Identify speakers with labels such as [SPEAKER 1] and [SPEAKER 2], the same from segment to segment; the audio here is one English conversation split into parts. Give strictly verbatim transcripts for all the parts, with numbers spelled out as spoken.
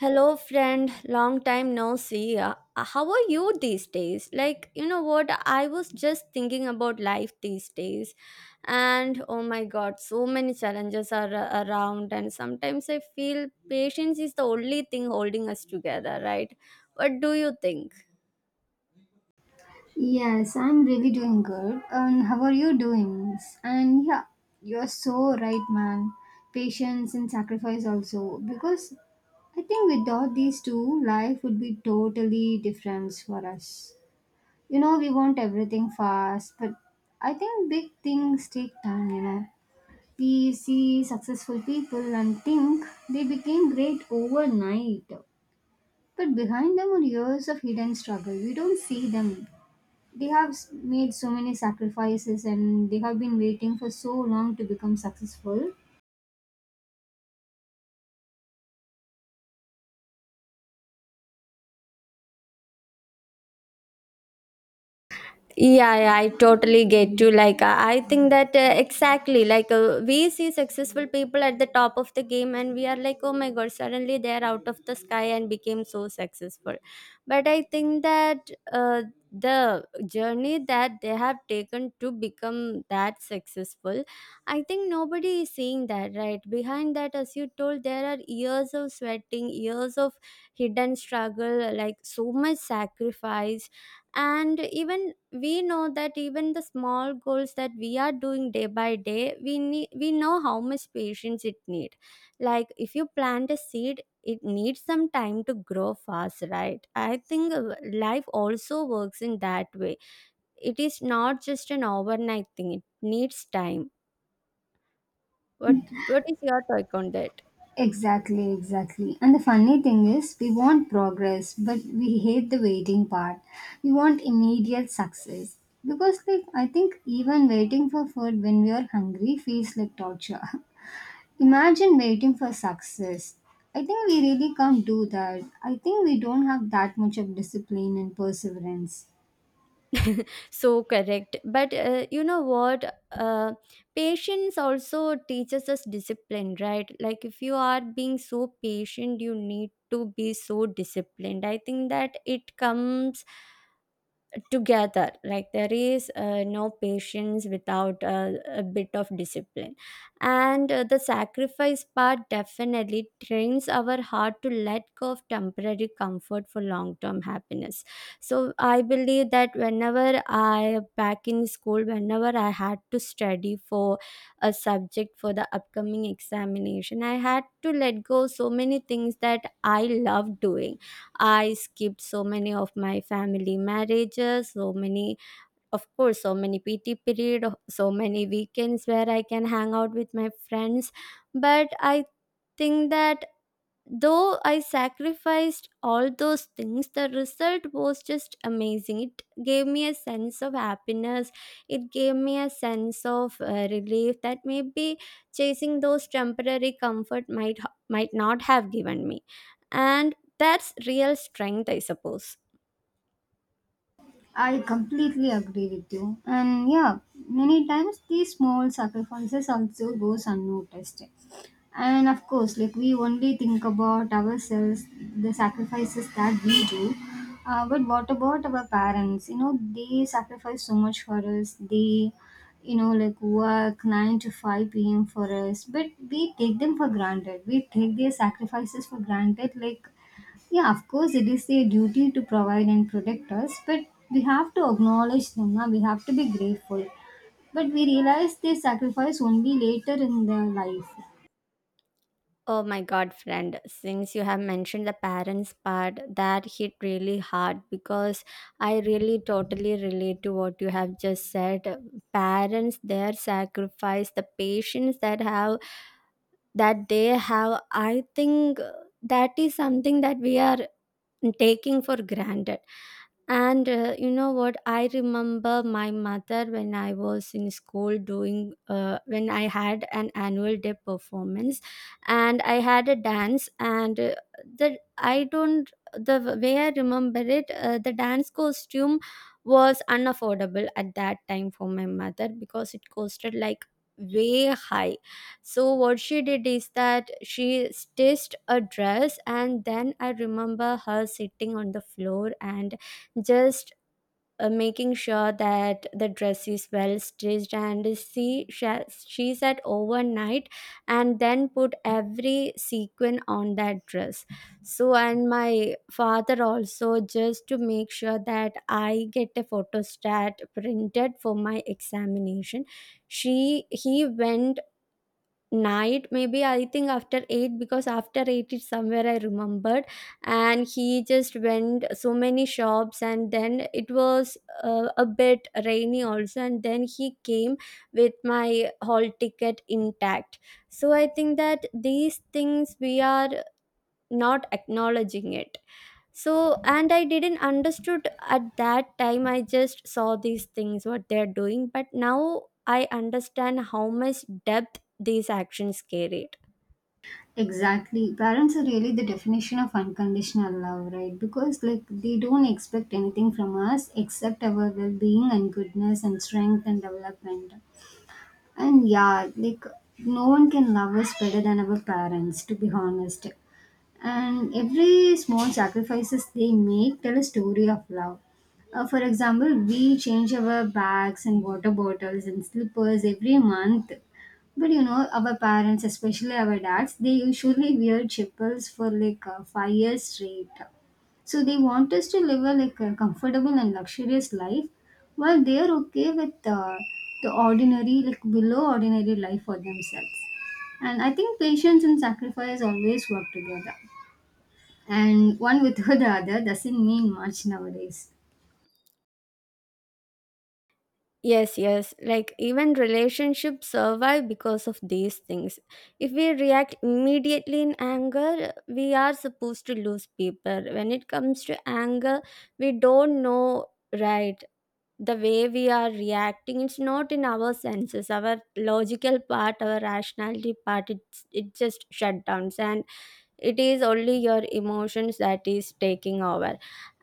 [SPEAKER 1] Hello, friend. Long time no see. Uh, How are you these days? Like, you know what? I was just thinking about life these days. And oh my god, so many challenges are uh, around. And sometimes I feel patience is the only thing holding us together, right? What do you think?
[SPEAKER 2] Yes, I'm really doing good. And how are you doing? And yeah, you're so right, man. Patience and sacrifice also. Because I think without these two, life would be totally different for us. You know, we want everything fast, but I think big things take time, you know. We see successful people and think they became great overnight. But behind them are years of hidden struggle. We don't see them, they have s- made so many sacrifices, and they have been waiting for so long to become successful.
[SPEAKER 1] Yeah, yeah, I totally get you. Like, uh, I think that uh, exactly, like, uh, we see successful people at the top of the game, and we are like, oh my god, suddenly they are out of the sky and became so successful. But I think that uh, the journey that they have taken to become that successful, I think nobody is seeing that, right? Behind that, as you told, there are years of sweating, years of hidden struggle, like, so much sacrifice and even we know that even the small goals that we are doing day by day we need we know how much patience it need. Like if you plant a seed it needs some time to grow fast, right? I think uh, life also works in that way. It is not just an overnight thing, it needs time. What what is your take on that?
[SPEAKER 2] Exactly exactly And the funny thing is, we want progress but we hate the waiting part. We want immediate success, because like I think even waiting for food when we are hungry feels like torture. Imagine waiting for success. I think we really can't do that. I think we don't have that much of discipline and perseverance.
[SPEAKER 1] So correct, but uh, you know what, uh, patience also teaches us discipline, right? Like if you are being so patient you need to be so disciplined. I think that it comes together, like there is uh, no patience without uh, a bit of discipline. And uh, the sacrifice part definitely trains our heart to let go of temporary comfort for long term happiness. So I believe that whenever I back in school, whenever I had to study for a subject for the upcoming examination, I had to let go so many things that I love doing. I skipped so many of my family marriages, so many, of course, so many P T period, so many weekends where I can hang out with my friends. But I think that Though I sacrificed all those things, the result was just amazing. It gave me a sense of happiness. It gave me a sense of uh, relief that maybe chasing those temporary comfort might might not have given me. And that's real strength, I suppose.
[SPEAKER 2] I completely agree with you. And yeah, many times these small sacrifices also goes unnoticed. And of course, like, we only think about ourselves, the sacrifices that we do. Uh, but what about our parents? You know, they sacrifice so much for us. They, you know, like work nine to five p m for us. But we take them for granted. We take their sacrifices for granted. Like, yeah, of course, it is their duty to provide and protect us, but we have to acknowledge them. Now, we have to be grateful. But we realize they sacrifice only later in their life.
[SPEAKER 1] Oh my God, friend, since you have mentioned the parents part, that hit really hard because I really totally relate to what you have just said. Parents, their sacrifice, the patience that have that they have, I think uh, that is something that we are taking for granted. And uh, you know what? I remember my mother when I was in school doing, uh, when I had an annual day performance and I had a dance. And uh, the, I don't, the way I remember it, uh, the dance costume was unaffordable at that time for my mother because it costed like way high. So what she did is that she stitched a dress, and then I remember her sitting on the floor and just uh, making sure that the dress is well stitched, and she sha- she said overnight and then put every sequin on that dress. So, and my father also, just to make sure that I get a photostat printed for my examination, she he went night, maybe I think after eight, because after eight it's somewhere I remembered, and he just went so many shops. And then it was uh, a bit rainy also, and then he came with my hall ticket intact. So I think that these things we are not acknowledging it. So and I didn't understood at that time, I just saw these things what they're doing, but now I understand how much depth these actions carried.
[SPEAKER 2] Exactly. Parents are really the definition of unconditional love, right? Because, like, they don't expect anything from us except our well being and goodness and strength and development. And yeah, like, no one can love us better than our parents, to be honest. And every small sacrifices they make tell a story of love. Uh, for example, we change our bags and water bottles and slippers every month. But you know, our parents, especially our dads, they usually wear chappals for like uh, five years straight. So they want us to live a like a comfortable and luxurious life, while they are okay with uh, the ordinary, like below ordinary life for themselves. And I think patience and sacrifice always work together, and one without the other doesn't mean much nowadays.
[SPEAKER 1] Yes, yes, like even relationships survive because of these things. If we react immediately in anger, we are supposed to lose people. When it comes to anger, we don't know, right? The way we are reacting, it's not in our senses, our logical part, our rationality part, it's it just shut downs. And it is only your emotions that is taking over.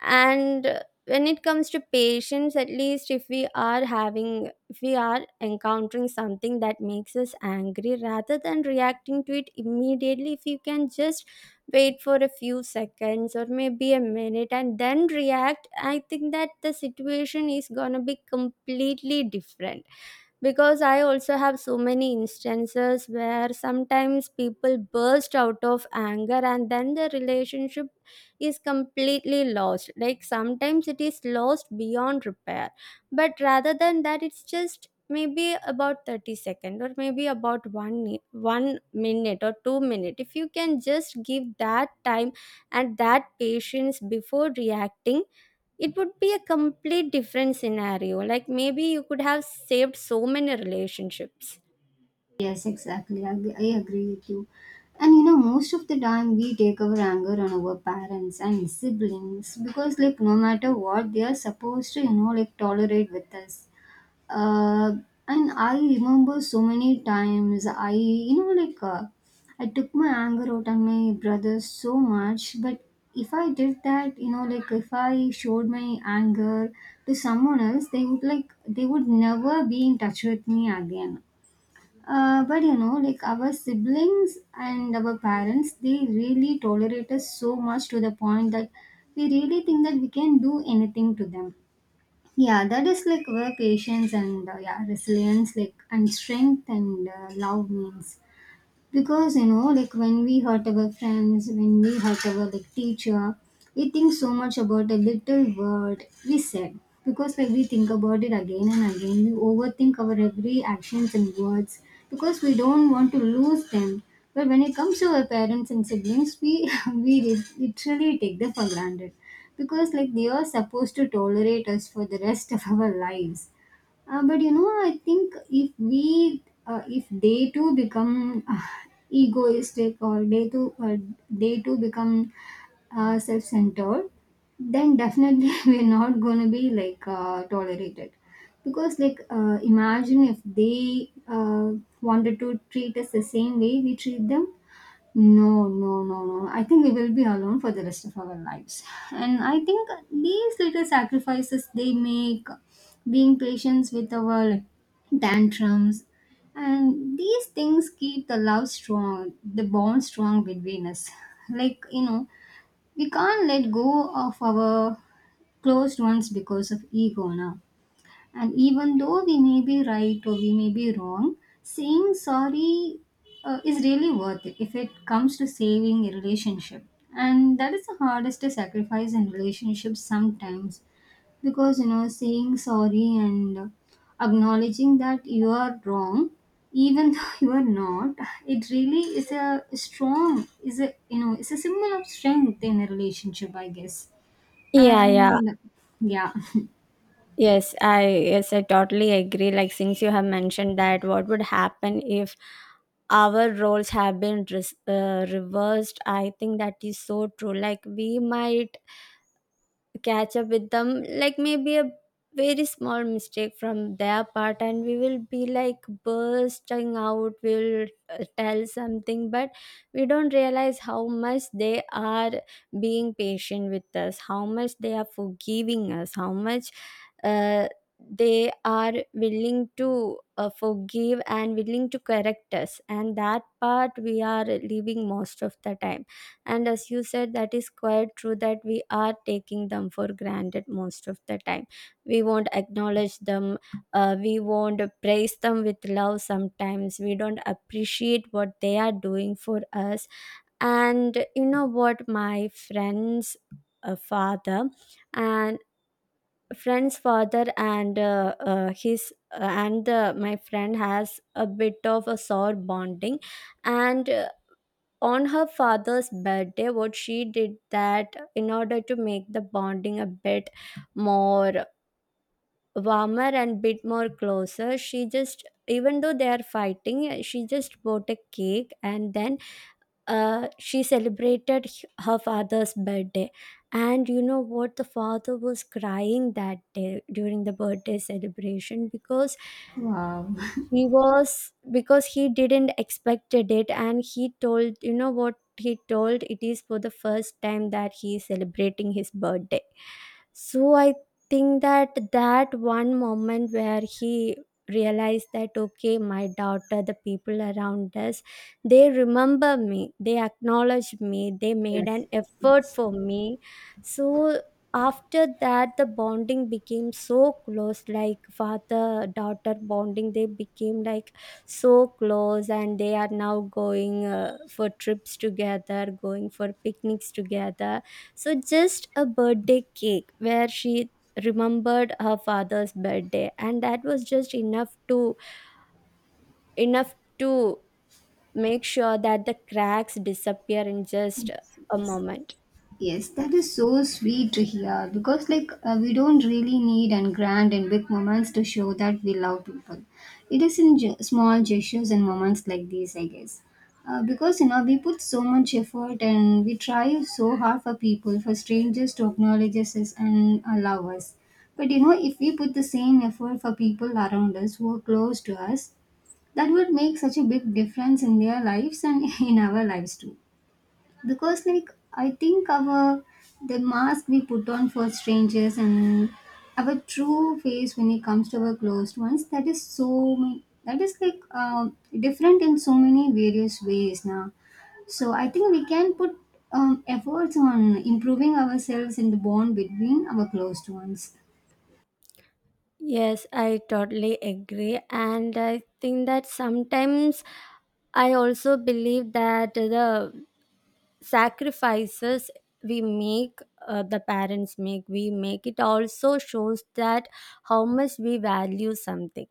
[SPEAKER 1] And uh, when it comes to patience, at least if we are having if we are encountering something that makes us angry, rather than reacting to it immediately, if you can just wait for a few seconds or maybe a minute and then react, I think that the situation is gonna be completely different. Because I also have so many instances where sometimes people burst out of anger and then the relationship is completely lost, like sometimes it is lost beyond repair. But rather than that, it's just maybe about thirty second or maybe about one ni- one minute or two minute, if you can just give that time and that patience before reacting, it would be a complete different scenario. Like maybe you could have saved so many relationships.
[SPEAKER 2] Yes, exactly. I, ag- I agree with you. And you know, most of the time we take our anger on our parents and siblings because, like, no matter what, they are supposed to, you know, like, tolerate with us. uh, and I remember so many times I, you know like uh, I took my anger out on my brother so much. But if I did that, you know, like, if I showed my anger to someone else, they would like, they would never be in touch with me again. Uh, but you know, like, our siblings and our parents, they really tolerate us so much to the point that we really think that we can do anything to them. Yeah, that is like where patience and uh, yeah, resilience, like, and strength and uh, love means. Because you know, like, when we hurt our friends, when we hurt our like teacher, we think so much about a little word we said, because like we think about it again and again. We overthink our every actions and words because we don't want to lose them. But when it comes to our parents and siblings, we we lit- literally take them for granted because like, they are supposed to tolerate us for the rest of our lives. Uh, but you know, I think if we, uh, if they too become uh, egoistic, or they too, uh, they too become uh, self-centered, then definitely we're not gonna be like uh, tolerated. Because like, uh, imagine if they uh, wanted to treat us the same way we treat them. No, no, no, no. I think we will be alone for the rest of our lives. And I think these little sacrifices they make, being patient with our tantrums, and these things keep the love strong, the bond strong between us. Like, you know, we can't let go of our closed ones because of ego now. And even though we may be right or we may be wrong, saying sorry uh, is really worth it if it comes to saving a relationship. And that is the hardest to sacrifice in relationships sometimes, because you know, saying sorry and uh, acknowledging that you are wrong, even though you are not, it really is a strong is a you know, it's a symbol of strength in a relationship, I guess.
[SPEAKER 1] Yeah, yeah.
[SPEAKER 2] And yeah.
[SPEAKER 1] Yes, I yes, I totally agree. Like since you have mentioned that what would happen if our roles have been res- uh, reversed, I think that is so true. Like we might catch up with them like maybe a very small mistake from their part and we will be like bursting out, we'll uh, tell something, but we don't realize how much they are being patient with us, how much they are forgiving us, how much uh, they are willing to uh, forgive and willing to correct us, and that part we are leaving most of the time. And as you said, that is quite true, that we are taking them for granted most of the time, we won't acknowledge them. uh, we won't praise them with love, sometimes we don't appreciate what they are doing for us. And you know what, my friend's uh, father and friend's father, and uh, uh, his uh, and uh, my friend has a bit of a sore bonding. And uh, on her father's birthday, what she did, that in order to make the bonding a bit more warmer and bit more closer, she just, even though they are fighting, she just bought a cake, and then uh, she celebrated h- her father's birthday. And you know what, the father was crying that day during the birthday celebration, because
[SPEAKER 2] Wow.
[SPEAKER 1] he was, because he didn't expected it. And he told, you know what, he told it is for the first time that he is celebrating his birthday. So I think that that one moment where he realized that, okay, my daughter, the people around us, they remember me, they acknowledge me, they made
[SPEAKER 2] Yes,
[SPEAKER 1] an
[SPEAKER 2] yes,
[SPEAKER 1] effort
[SPEAKER 2] yes.
[SPEAKER 1] for me. So after that, the bonding became so close, like father daughter bonding, they became like so close, and they are now going uh, for trips together, going for picnics together. So just a birthday cake where she remembered her father's birthday, and that was just enough to enough to make sure that the cracks disappear in just a
[SPEAKER 2] Yes,
[SPEAKER 1] moment.
[SPEAKER 2] yes, that is so sweet to hear because, like, uh, we don't really need and grand and big moments to show that we love people. It is in ge- small gestures and moments like these, I guess. Uh, because, you know, we put so much effort and we try so hard for people, for strangers to acknowledge us as- and allow us. But you know, if we put the same effort for people around us who are close to us, that would make such a big difference in their lives and in our lives too. Because like, I think our, the mask we put on for strangers and our true face when it comes to our closed ones, that is so ma- that is like uh, different in so many various ways now. So I think we can put um, efforts on improving ourselves in the bond between our closed ones.
[SPEAKER 1] Yes, I totally agree. And I think that sometimes I also believe that the sacrifices we make, uh, the parents make, we make, it also shows that how much we value something.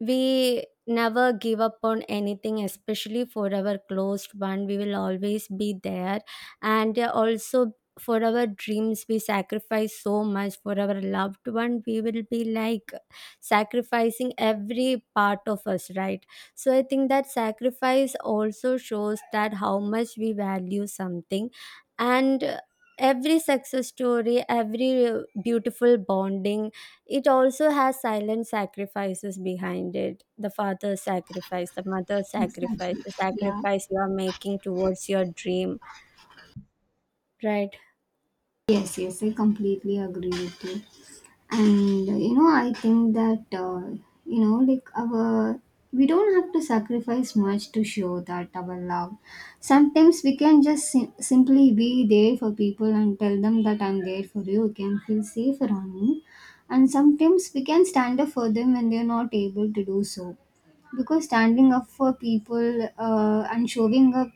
[SPEAKER 1] We never give up on anything, especially for our closed one, we will always be there. And uh, also for our dreams we sacrifice so much, for our loved one we will be like sacrificing every part of us, right? So I think that sacrifice also shows that how much we value something. And uh, every success story, every uh, beautiful bonding, it also has silent sacrifices behind it. The father's sacrifice, the mother's sacrifice,
[SPEAKER 2] Exactly.
[SPEAKER 1] the
[SPEAKER 2] Yeah.
[SPEAKER 1] sacrifice you are making towards your dream, right?
[SPEAKER 2] Yes, yes, I completely agree with you. And uh, you know, I think that uh, you know, like our we don't have to sacrifice much to show that our love. Sometimes we can just sim- simply be there for people and tell them that I'm there for you. You can feel safe around me. And sometimes we can stand up for them when they're not able to do so, because standing up for people uh, and showing up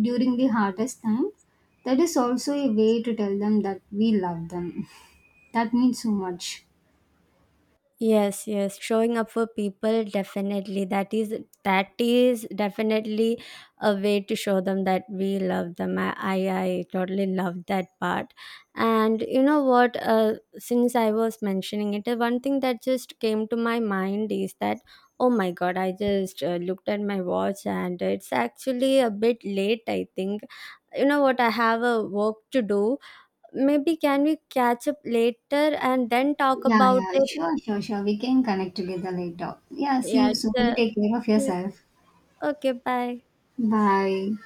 [SPEAKER 2] during the hardest time, that is also a way to tell them that we love them. That means so much.
[SPEAKER 1] Yes, yes, showing up for people definitely. That is that is definitely a way to show them that we love them. I I, I totally love that part. And you know what? Uh, since I was mentioning it, uh, one thing that just came to my mind is that, oh my god, I just uh, looked at my watch and it's actually a bit late, I think. You know what? I have a work to do. Maybe can we catch up later and then talk
[SPEAKER 2] Yeah,
[SPEAKER 1] about
[SPEAKER 2] yeah,
[SPEAKER 1] it?
[SPEAKER 2] sure, sure, sure. We can connect together later. Yeah, see
[SPEAKER 1] Yeah,
[SPEAKER 2] you
[SPEAKER 1] it's
[SPEAKER 2] soon. You
[SPEAKER 1] a,
[SPEAKER 2] take care of yourself.
[SPEAKER 1] okay, bye.
[SPEAKER 2] Bye.